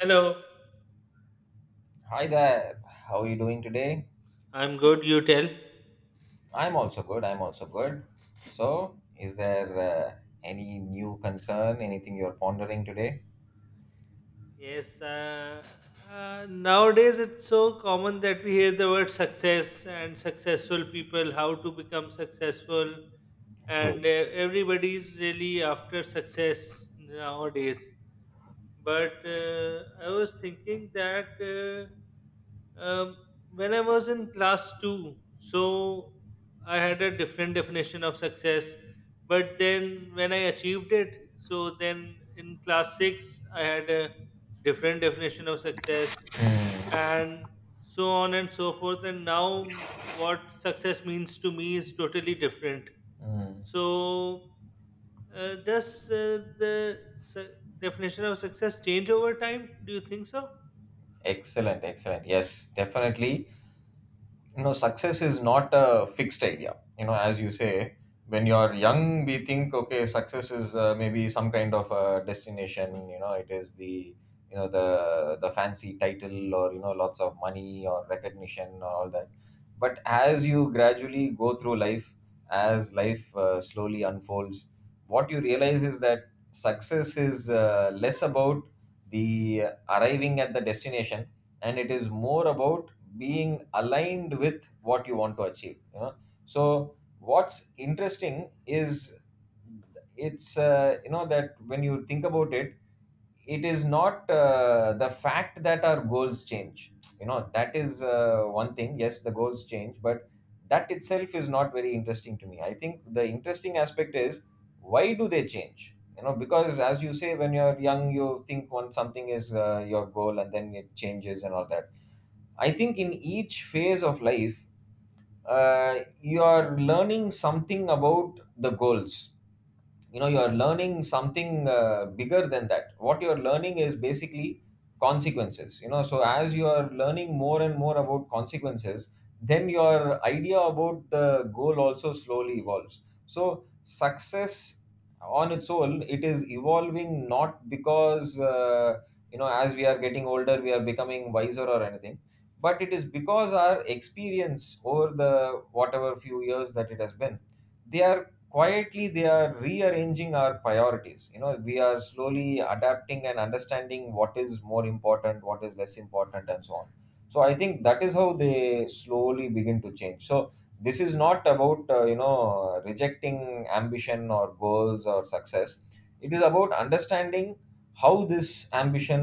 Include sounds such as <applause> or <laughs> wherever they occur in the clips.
Hello, Hi there. How are you doing today? I'm good. You tell. I'm also good. I'm also good. So, is there any new concern, anything you're pondering today? Yes, uh, Nowadays it's so common that we hear the word success and successful people, how to become successful, and True. Everybody's really after success nowadays. But I was thinking that uh, um, when I was in class two, so I had a different definition of success. But then when I achieved it, so then in class six, I had a different definition of success, Mm, and so on and so forth, and now what success means to me is totally different. mm. So does the definition of success change over time, do you think so? Excellent, excellent. Yes, definitely. Success is not a fixed idea, as you say, when you're young we think, okay, success is maybe some kind of a destination. It is the, the fancy title, or lots of money or recognition or all that. But as you gradually go through life, as life slowly unfolds, what you realize is that success is less about the arriving at the destination, and it is more about being aligned with what you want to achieve. So what's interesting is, it's that when you think about it, it is not the fact that our goals change. That is one thing. Yes, the goals change, but that itself is not very interesting to me. I think the interesting aspect is, why do they change? Because as you say, when you're young you think one something is your goal, and then it changes and all that. I think in each phase of life, you are learning something about the goals. You are learning something bigger than that. What you are learning is basically consequences. So as you are learning more and more about consequences, then your idea about the goal also slowly evolves. So success, on its own, it is evolving, not because as we are getting older we are becoming wiser or anything, but it is because our experience over the whatever few years that it has been, they are quietly, they are rearranging our priorities. We are slowly adapting and understanding what is more important, what is less important, and so on. So I think that is how they slowly begin to change. So this is not about rejecting ambition or goals or success. It is about understanding how this ambition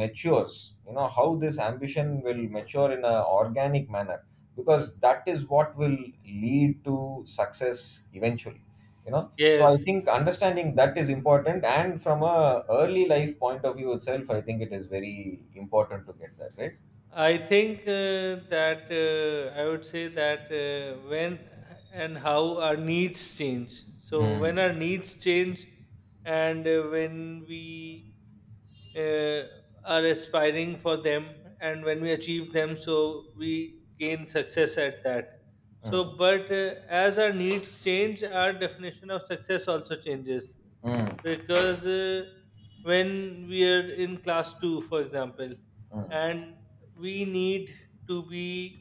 matures, how this ambition will mature in an organic manner, because that is what will lead to success eventually. So I Yes, think understanding that is important, and from a early life point of view itself, I think it is very important to get that right. I think that I would say that when and how our needs change. So when our Mm, needs change, and when we uh, are aspiring for them, and when we achieve them, so we gain success at that. mm, So, but as our needs change, our definition of success also changes, mm, because when we are in class 2 for example, mm, and we need to be,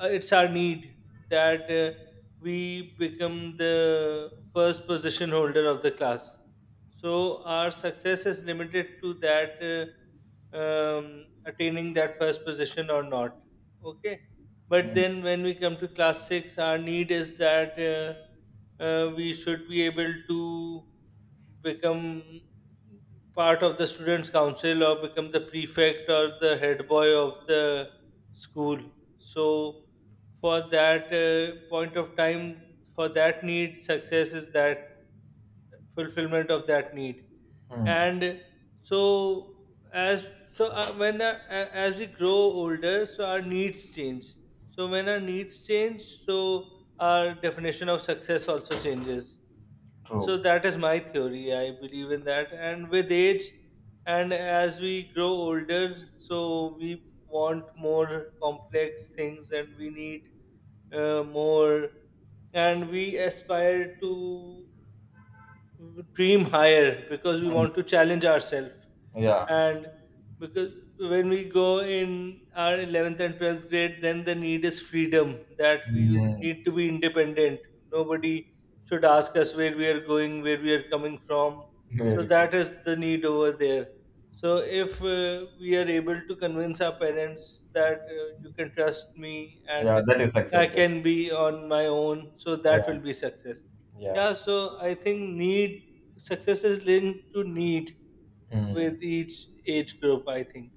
it's our need that we become the first position holder of the class, so our success is limited to that attaining that first position or not. Okay, but mm, then when we come to class 6, our need is that we should be able to become part of the students council, or become the prefect or the head boy of the school. So for that point of time, for that need, success is that fulfillment of that need. mm. And so as we grow older, so our needs change. So when our needs change, so our definition of success also changes. So True. that is my theory, I believe in that. And with age, and as we grow older, so we want more complex things, and we need more, and we aspire to dream higher because we Mm. want to challenge ourselves. Yeah. And because when we go in our 11th and 12th grade, then the need is freedom, that we Mm. need to be independent. Nobody should ask us where we are going, where we are coming from. So Very true. that is the need over there. So if we are able to convince our parents that you can trust me, Yeah, and that is I success then. can be on my own, so that Yeah. will be success. Yeah. Yeah, so I think need, success is linked to need, Mm. with each age group, I think.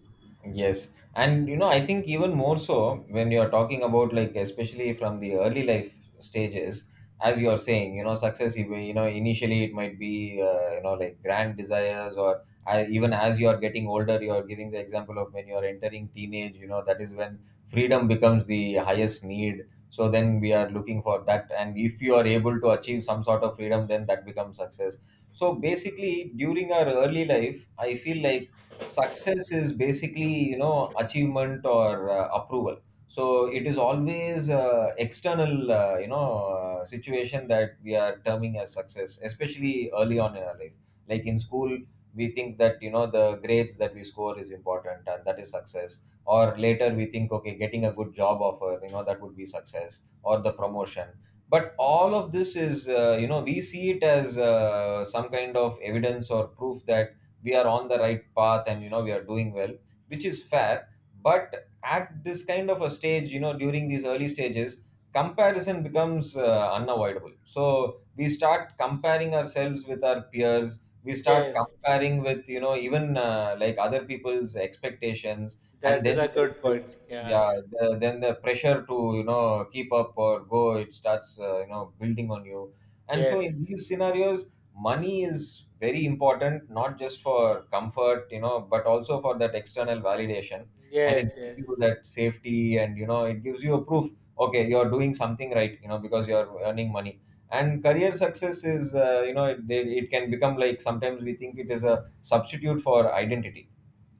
Yes, and I think even more so when you're talking about, like, especially from the early life stages, as you are saying, success. Initially it might be like grand desires, or even as you are getting older, you are giving the example of when you are entering teenage. That is when freedom becomes the highest need. So then we are looking for that, and if you are able to achieve some sort of freedom, then that becomes success. So basically, during our early life, I feel like success is basically achievement or approval. So it is always external, situation that we are terming as success, especially early on in our life, like in school. We think that the grades that we score is important, and that is success. Or later we think, okay, getting a good job offer, that would be success, or the promotion. But all of this is, we see it as some kind of evidence or proof that we are on the right path, and we are doing well, which is fair. But at this kind of a stage, during these early stages, comparison becomes unavoidable. So we start comparing ourselves with our peers, we start Yes, comparing with, even like, other people's expectations. And that is then a there is good point. this, Yeah, yeah. Then the pressure to, keep up or go. It starts building on you. And so in Yes, these scenarios, money is very important, not just for comfort, but also for that external validation. And it yes, gives yes. you that safety, and it gives you a proof, okay, you're doing something right, because you're earning money. And career success is, it can become, like, sometimes we think it is a substitute for identity,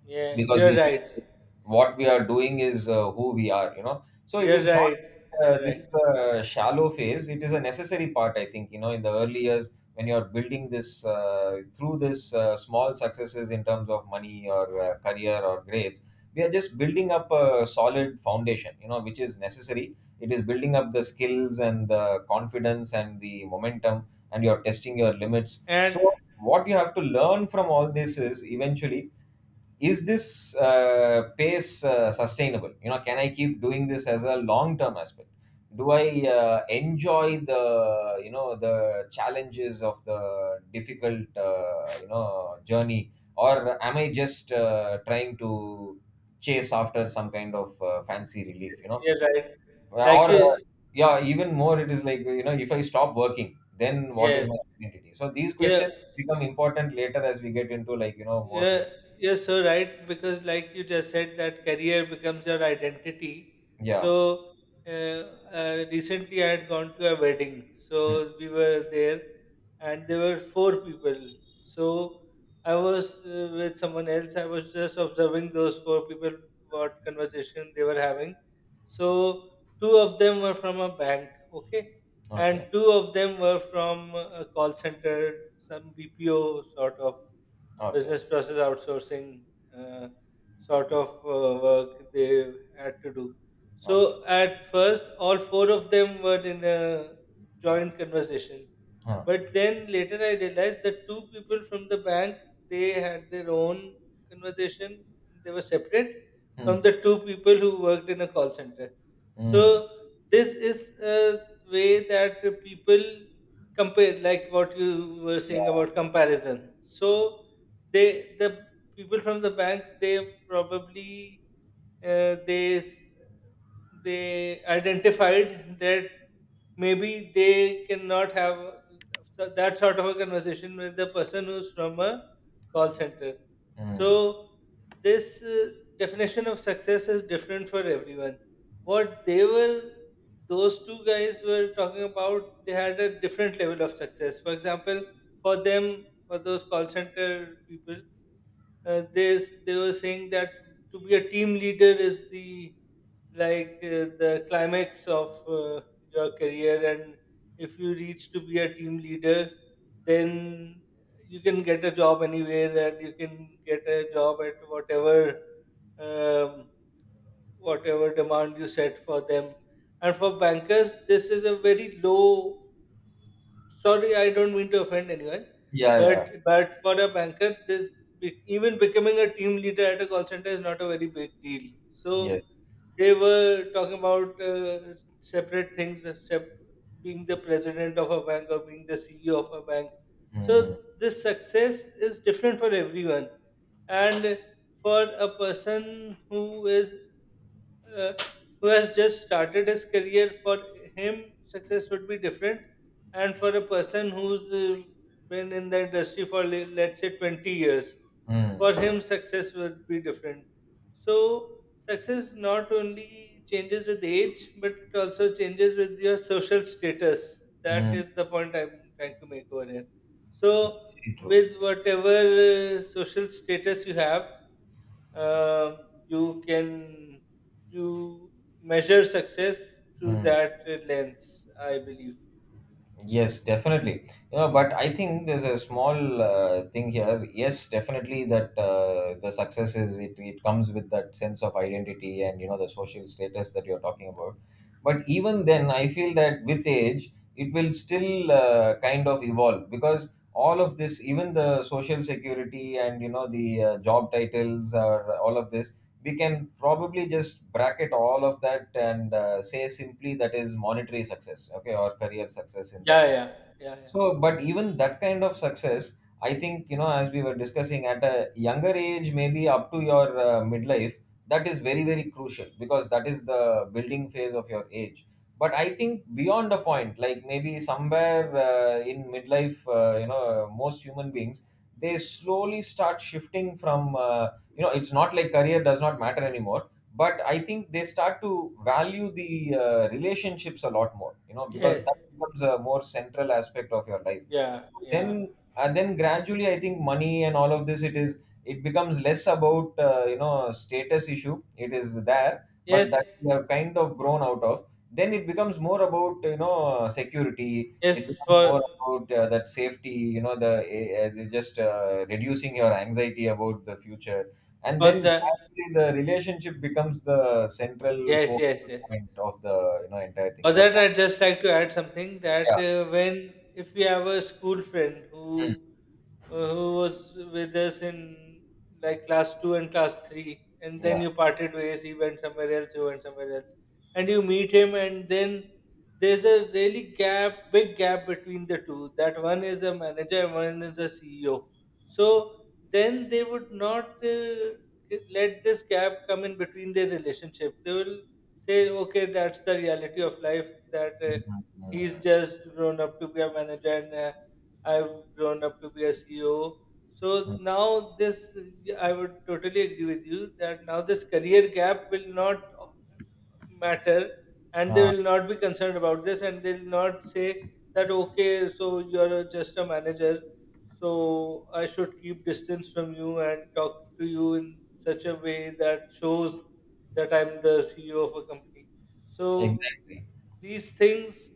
Yeah, because you're we right. feel what we are doing is who we are. So it You're is not right. You're this right. is a shallow phase. It is a necessary part, I think. In the early years when you are building this, through this, small successes in terms of money or career or grades, we are just building up a solid foundation, which is necessary. It is building up the skills, and the confidence and the momentum, and you're testing your limits. And So what you have to learn from all this is, eventually, is this pace sustainable? Can I keep doing this as a long term aspect? Do I enjoy the you know the challenges of the difficult, journey? Or am I just trying to chase after some kind of fancy yes, relief, you're right. or Like you, yeah, even more, it is like, if I stop working, then what is my yes, identity? So these yeah. questions become important later as we get into, like, more Yeah, mid- yes, are so right, because like you just said, that career becomes your identity. Yeah. So, recently I had gone to a wedding. Hmm. So, we were there, and there were four people. So, I was with someone else. I was just observing those four people, what conversation they were having. So, two of them were from a bank, okay? And Okay, two of them were from a call center, some BPO sort of okay, business process outsourcing uh, sort of work they had to do. okay. So at first, all four of them were in a joint conversation, Huh. but then later I realized that two people from the bank, they had their own conversation, they were separate Hmm. from the two people who worked in a call center. Mm. So this is a way that the people compare, like what you were saying Yeah. about comparison. So they, the people from the bank, they probably uh, they s- they identified that maybe they cannot have so that sort of a conversation with the person who's from a call center. Hmm. So this definition of success is different for everyone. What they were, those two guys were talking about, they had a different level of success. For example, for them, for those call center people, they were saying that to be a team leader is the, like the climax of your career, and if you reach to be a team leader, then you can get a job anywhere, and you can get a job at whatever, um, whatever demand you set for them. And for bankers this is a very low, sorry, I don't mean to offend anyone, Yeah, yeah, but for a banker, this even becoming a team leader at a call center is not a very big deal. So yes. they were talking about separate things, being the president of a bank, or being the CEO of a bank. So Hmm. this success is different for everyone, and for a person who is uh, who has just started his career, for him, success would be different. And for a person who's been in the industry for, let's say, 20 years, Hmm. for him, success would be different. So success not only changes with age, but it also changes with your social status. That Hmm. is the point I'm trying to make over here. So Very true. with whatever social status you have, um, you can, you measure success through Hmm. that lens, I believe. Yes, definitely. But I think there's a small thing here. Yes, definitely that the success, it comes with that sense of identity, and the social status that you're talking about. But even then, I feel that with age, it will still kind of evolve, because all of this, even the social security and the job titles or all of this, we can probably just bracket all of that and say simply that is monetary success, okay, or career success in that Yeah, sense. yeah, yeah, yeah. So, but even that kind of success, I think, as we were discussing, at a younger age, maybe up to your midlife, that is very, very crucial, because that is the building phase of your age. But I think beyond a point, like maybe somewhere in midlife, most human beings, they slowly start shifting from, it's not like career does not matter anymore. But I think they start to value the relationships a lot more, because Yes, becomes a more central aspect of your life yeah, yeah. then. And then gradually I think money and all of this, it is, it becomes less about, status issue. It is there, but that Yes, we have kind of grown out of. Then it becomes more about, security. It yes. becomes more about that safety, the just reducing your anxiety about the future. And For then the gradually the relationship becomes the central yes, yes, focal yes. point of the, entire thing, Or your that, family. I'd just like to add something, Yeah. that when, if we have a school friend Mm. Who was with us in like class two and class three, and Yeah. then you parted ways, he went somewhere else, you went somewhere else, and you meet him, and then there's a really gap, big gap between the two. That one is a manager, and one is a CEO. So then they would not, let this gap come in between their relationship. They will say, okay, that's the reality of life, that Mm, he's just grown up to be a manager, and I've grown up to be a CEO. So mm. now this, I would totally agree with you that now this career gap will not matter, and they uh, will not be concerned about this, and they will not say that, okay, so you're just a manager, so I should keep distance from you and talk to you in such a way that shows that I'm the CEO of a company. So Exactly. these things,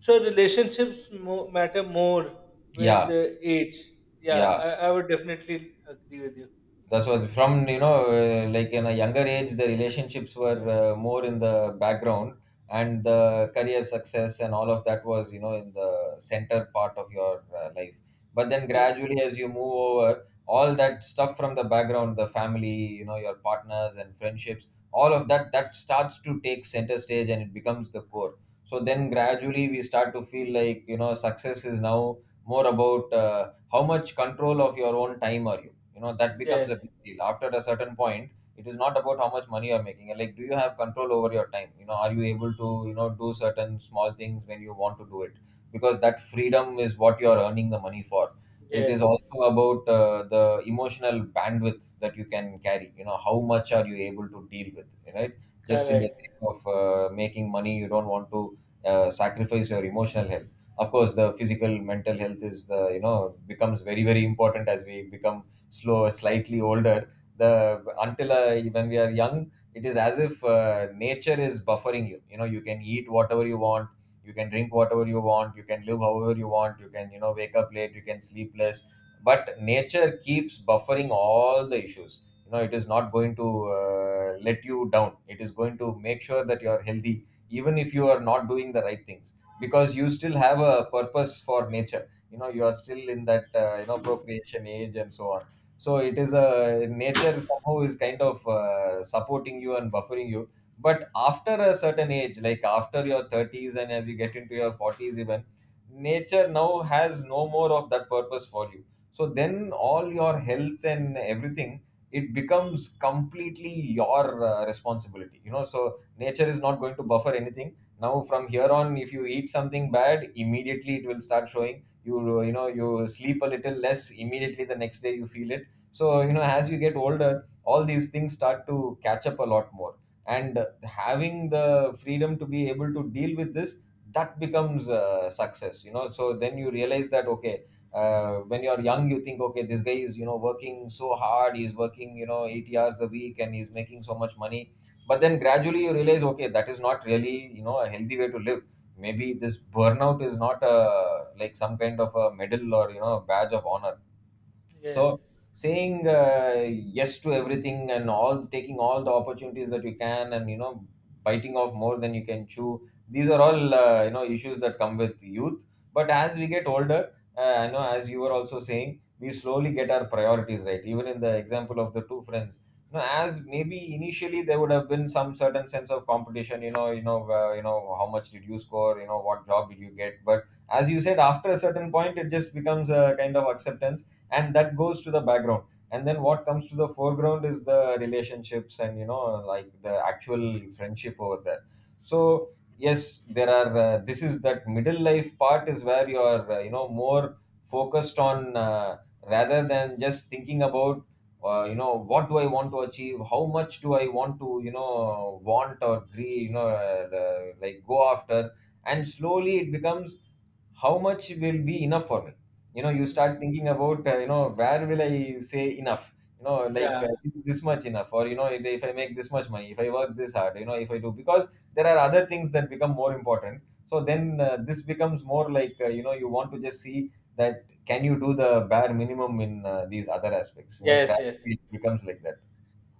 so relationships matter more with Yeah, the age. Yeah, yeah. I would definitely agree with you. That's what, from like, in a younger age the relationships were more in the background, and the career success and all of that was, in the center part of your life. But then Yeah. gradually as you move over, all that stuff from the background, the family, your partners and friendships, all of that, that starts to take center stage, and it becomes the core. So then gradually we start to feel like, success is now more about how much control of your own time are you, you know that becomes Yes. a big deal after a certain point. It is not about how much money you're making, and, like, do you have control over your time? Are you able to, do certain small things when you want to do it? Because that freedom is what you're earning the money for. It is Yes. also about the emotional bandwidth that you can carry, how much are you able to deal with, right? Just in the sake Correct. of making money, you don't want to sacrifice your emotional health. Of course, the physical mental health is the, becomes very very important as we become slightly older. The Until when we are young, it is as if nature is buffering you. You know, you can eat whatever you want, you can drink whatever you want, you can live however you want, you can wake up late, you can sleep less, but nature keeps buffering all the issues. You know, it is not going to let you down. It is going to make sure that you are healthy, even if you are not doing the right things, because you still have a purpose for nature. You know, you are still in that procreation age and so on. So it is a nature somehow is kind of supporting you and buffering you. But after a certain age, like after your 30s and as you get into your 40s, even nature now has no more of that purpose for you. So then all your health and everything, it becomes completely your responsibility. You know, so nature is not going to buffer anything now. From here on, if you eat something bad, immediately it will start showing you. You know, you sleep a little less, immediately the next day you feel it. So you know, as you get older, all these things start to catch up a lot more. And having the freedom to be able to deal with this, that becomes success. You know, so then you realize that okay, when you're young you think, okay, this guy is, you know, working so hard, he's working, you know, 80 hours a week and he's making so much money. But then gradually you realize, okay, that is not really, you know, a healthy way to live. Maybe this burnout is not a, like, some kind of a medal or, you know, a badge of honor. So Yes. saying yes to everything and all, taking all the opportunities that you can and, you know, biting off more than you can chew, these are all you know, issues that come with youth. But as we get older, you know, as you were also saying, we slowly get our priorities right. Even in the example of the two friends, you know, as maybe initially there would have been some certain sense of competition, you know, how much did you score, you know, what job did you get. But as you said, after a certain point, it just becomes a kind of acceptance, and that goes to the background. And then what comes to the foreground is the relationships and, you know, like the actual friendship over there. So yes, there are this is, that middle life part is where you are you know, more focused on, rather than just thinking about, you know, what do I want to achieve, how much do I want to, you know, want or agree, like, go after. And slowly it becomes, how much will be enough for me? You know, you start thinking about, you know, where will I say enough? You know, like, Yeah. Is this much enough? Or, you know, if I make this much money, if I work this hard, you know, if I do, because there are other things that become more important. So then this becomes more like, you know, you want to just see that, can you do the bare minimum in these other aspects? You know, Yes. Yes. gravity becomes like that.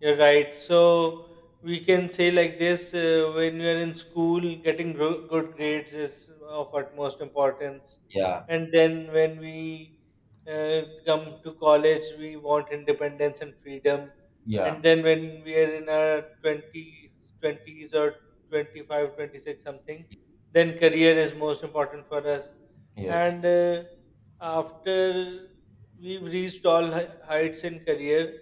You're right. So we can say like this: when you are in school, getting good grades is of utmost importance, Yeah. and then when we uh, come to college, we want independence and freedom, Yeah. and then when we are in our 20 twenties or 25, 26 something, then career is most important for us. Yes. And after we've reached all heights in career,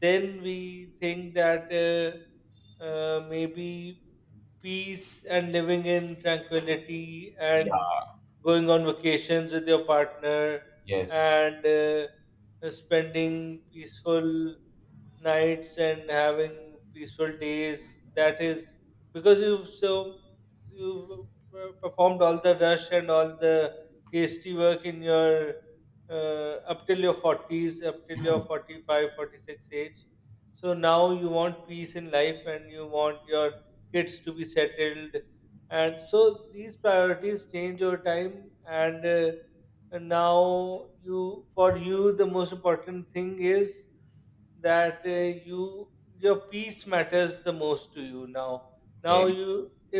then we think that maybe peace and living in tranquility, and Yeah. going on vacations with your partner, Yes. and spending peaceful nights and having peaceful days. That is because you've so, you performed all the rush and all the hasty work in your up till your 40s, up till your Mm, 45, 46 age. So now you want peace in life, and you want your kids to be settled. And so these priorities change over time, and and now you, for you the most important thing is that you, your peace matters the most to you now. Now very. you,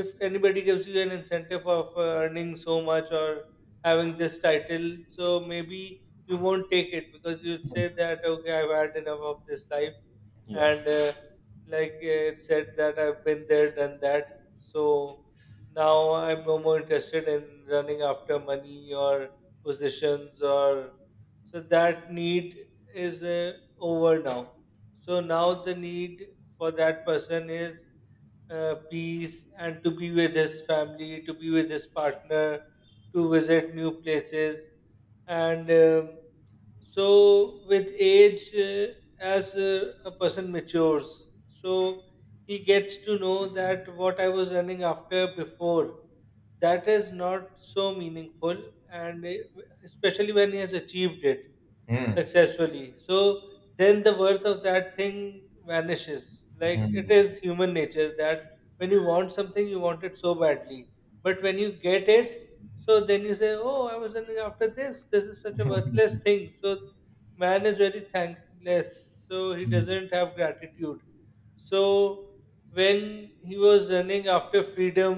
if anybody gives you an incentive of earning so much, or having this title, so maybe you won't take it, because you'd say that okay, I've had enough of this life, Yeah. and it said that, I've been there, done that. So now I'm no more interested in running after money or positions or, so that need is over now. So now the need for that person is peace, and to be with his family, to be with his partner, to visit new places, and um, so, with age, as a person matures, so he gets to know that what I was running after before, that is not so meaningful, and it, especially when he has achieved it Mm. successfully, so then the worth of that thing vanishes. Like, it Mm. is human nature that when you want something, you want it so badly, but when you get it, so then you say, oh, I was running after this, this is such a worthless thing. So man is very thankless, so he Mm. doesn't have gratitude. So when he was running after freedom,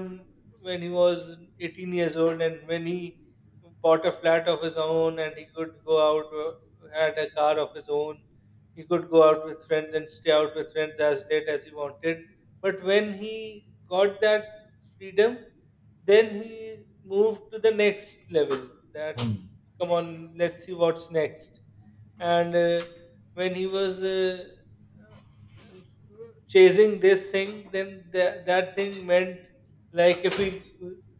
when he was 18 years old, and when he bought a flat of his own, and he could go out, had a car of his own, he could go out with friends and stay out with friends as late as he wanted. But when he got that freedom, then he moved to the next level, that Mm. come on, let's see what's next. And when he was chasing this thing, then that thing meant like, if we,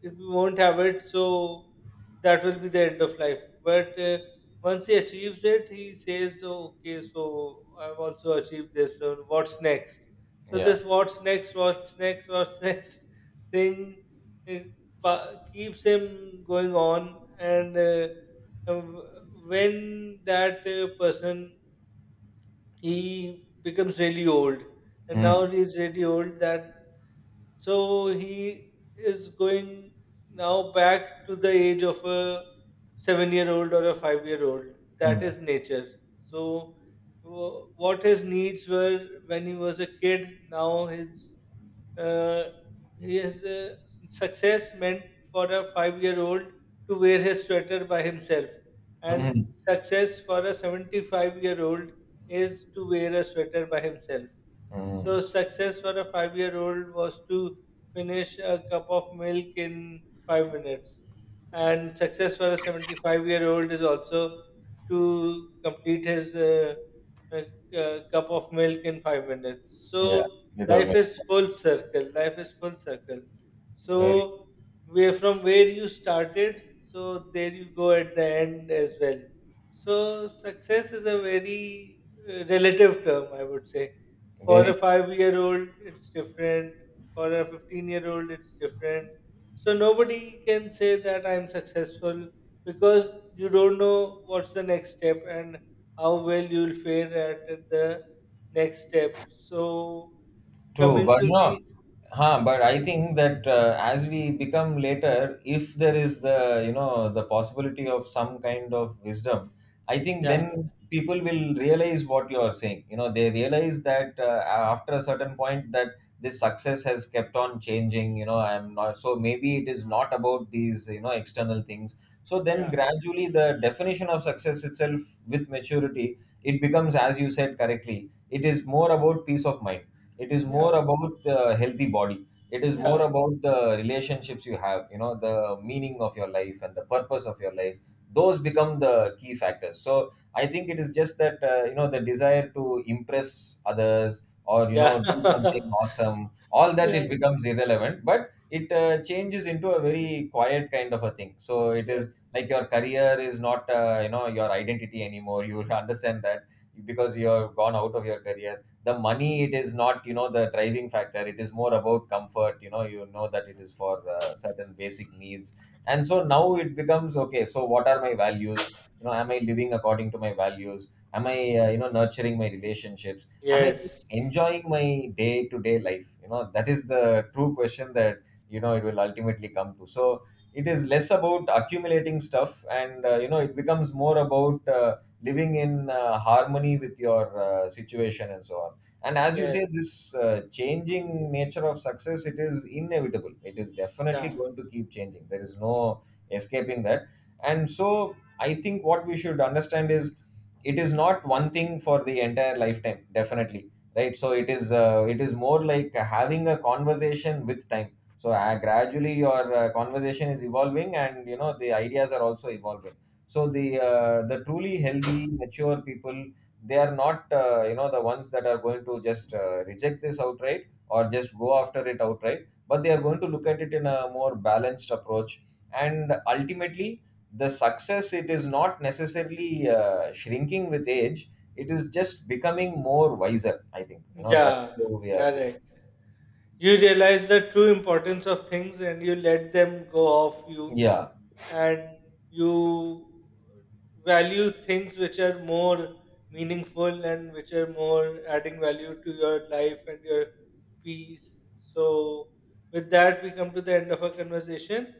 if we won't have it, so that will be the end of life. But once he achieves it, he says, "Oh, okay, so I've also achieved this. So what's next?" So Yeah. this "what's next, what's next, what's <laughs> next" thing, it keeps him going on. And uh, when that person, he becomes really old, and now Mm, he's really old, that so he is going now back to the age of a 7-year old or a 5-year old. That mm, is nature. So what his needs were when he was a kid, now his uh, his uh, success meant for a 5-year old to wear his sweater by himself, and mm, success for a 75-year-old is to wear a sweater by himself. mm. So success for a 5-year old was to finish a cup of milk in 5 minutes. And success for a 75-year-old is also to complete his uh, cup of milk in 5 minutes. Yeah, So without life making is a full mess. circle. Life is full circle. Very, So where, from where you started, so there you go at the end as well. So success is a very relative term, I would say. For a very. 5-year old it's different, for a 15-year-old it's different, so nobody can say that I'm successful, because you don't know what's the next step, and how well you'll fare at the next step. So True, coming but to the, no, huh? But yeah, I think that, as we become later, if there is the, you know, the possibility of some kind of wisdom, I think then people will realize what you are saying. You know, they realize that, after a certain point, that this success has kept on changing. You know, I'm not, so maybe it is not about these, you know, external things. So then yeah, gradually the definition of success itself, with maturity, it becomes, as you said correctly, it is more about peace of mind, it is more yeah, about the healthy body, it is more yeah, about the relationships you have, you know, the meaning of your life and the purpose of your life. Those become the key factors. So I think it is just that, you know, the desire to impress others or, you know, yeah, do something <laughs> awesome, all that, yeah, it becomes irrelevant. But it changes into a very quiet kind of a thing. So it is yes, like your career is not, you know, your identity anymore <laughs> you will understand that, because you have gone out of your career. The money, it is not, you know, the driving factor. It is more about comfort. You know, you know that it is for certain basic needs. And so now it becomes, okay, so what are my values? You know, am I living according to my values? Am I, you know, nurturing my relationships? Am I yes, just enjoying my day to day life? You know, that is the true question that, you know, it will ultimately come to. So it is less about accumulating stuff, and you know, it becomes more about, living in harmony with your situation and so on. And as you say, yes, this changing nature of success, it is inevitable. It is definitely yeah, going to keep changing. There is no escaping that. And so I think what we should understand is, it is not one thing for the entire lifetime, definitely, right? So it is, it is more like having a conversation with time. So gradually your conversation is evolving, and you know, the ideas are also evolving. So the the truly healthy, mature people, they are not, you know, the ones that are going to just reject this outright or just go after it outright, but they are going to look at it in a more balanced approach. And ultimately, the success, it is not necessarily shrinking with age, it is just becoming more wiser, I think. You know, that's yeah, how we are be- correct. You realize the true importance of things, and you let them go off you, yeah. and you value things which are more meaningful, and which are more adding value to your life and your peace. So, with that, we come to the end of our conversation.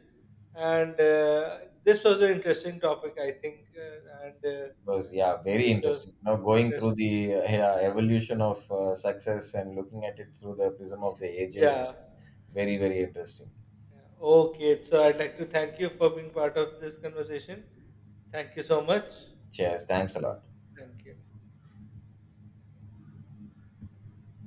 And this was an interesting topic, I think. And It was, yeah, very this was interesting, you know, going through interesting. the, evolution of success, and looking at it through the prism of the ages Yeah. was very, very interesting. Yeah. Okay. So, I'd like to thank you for being part of this conversation. Thank you so much. Cheers, thanks a And lot. thank you.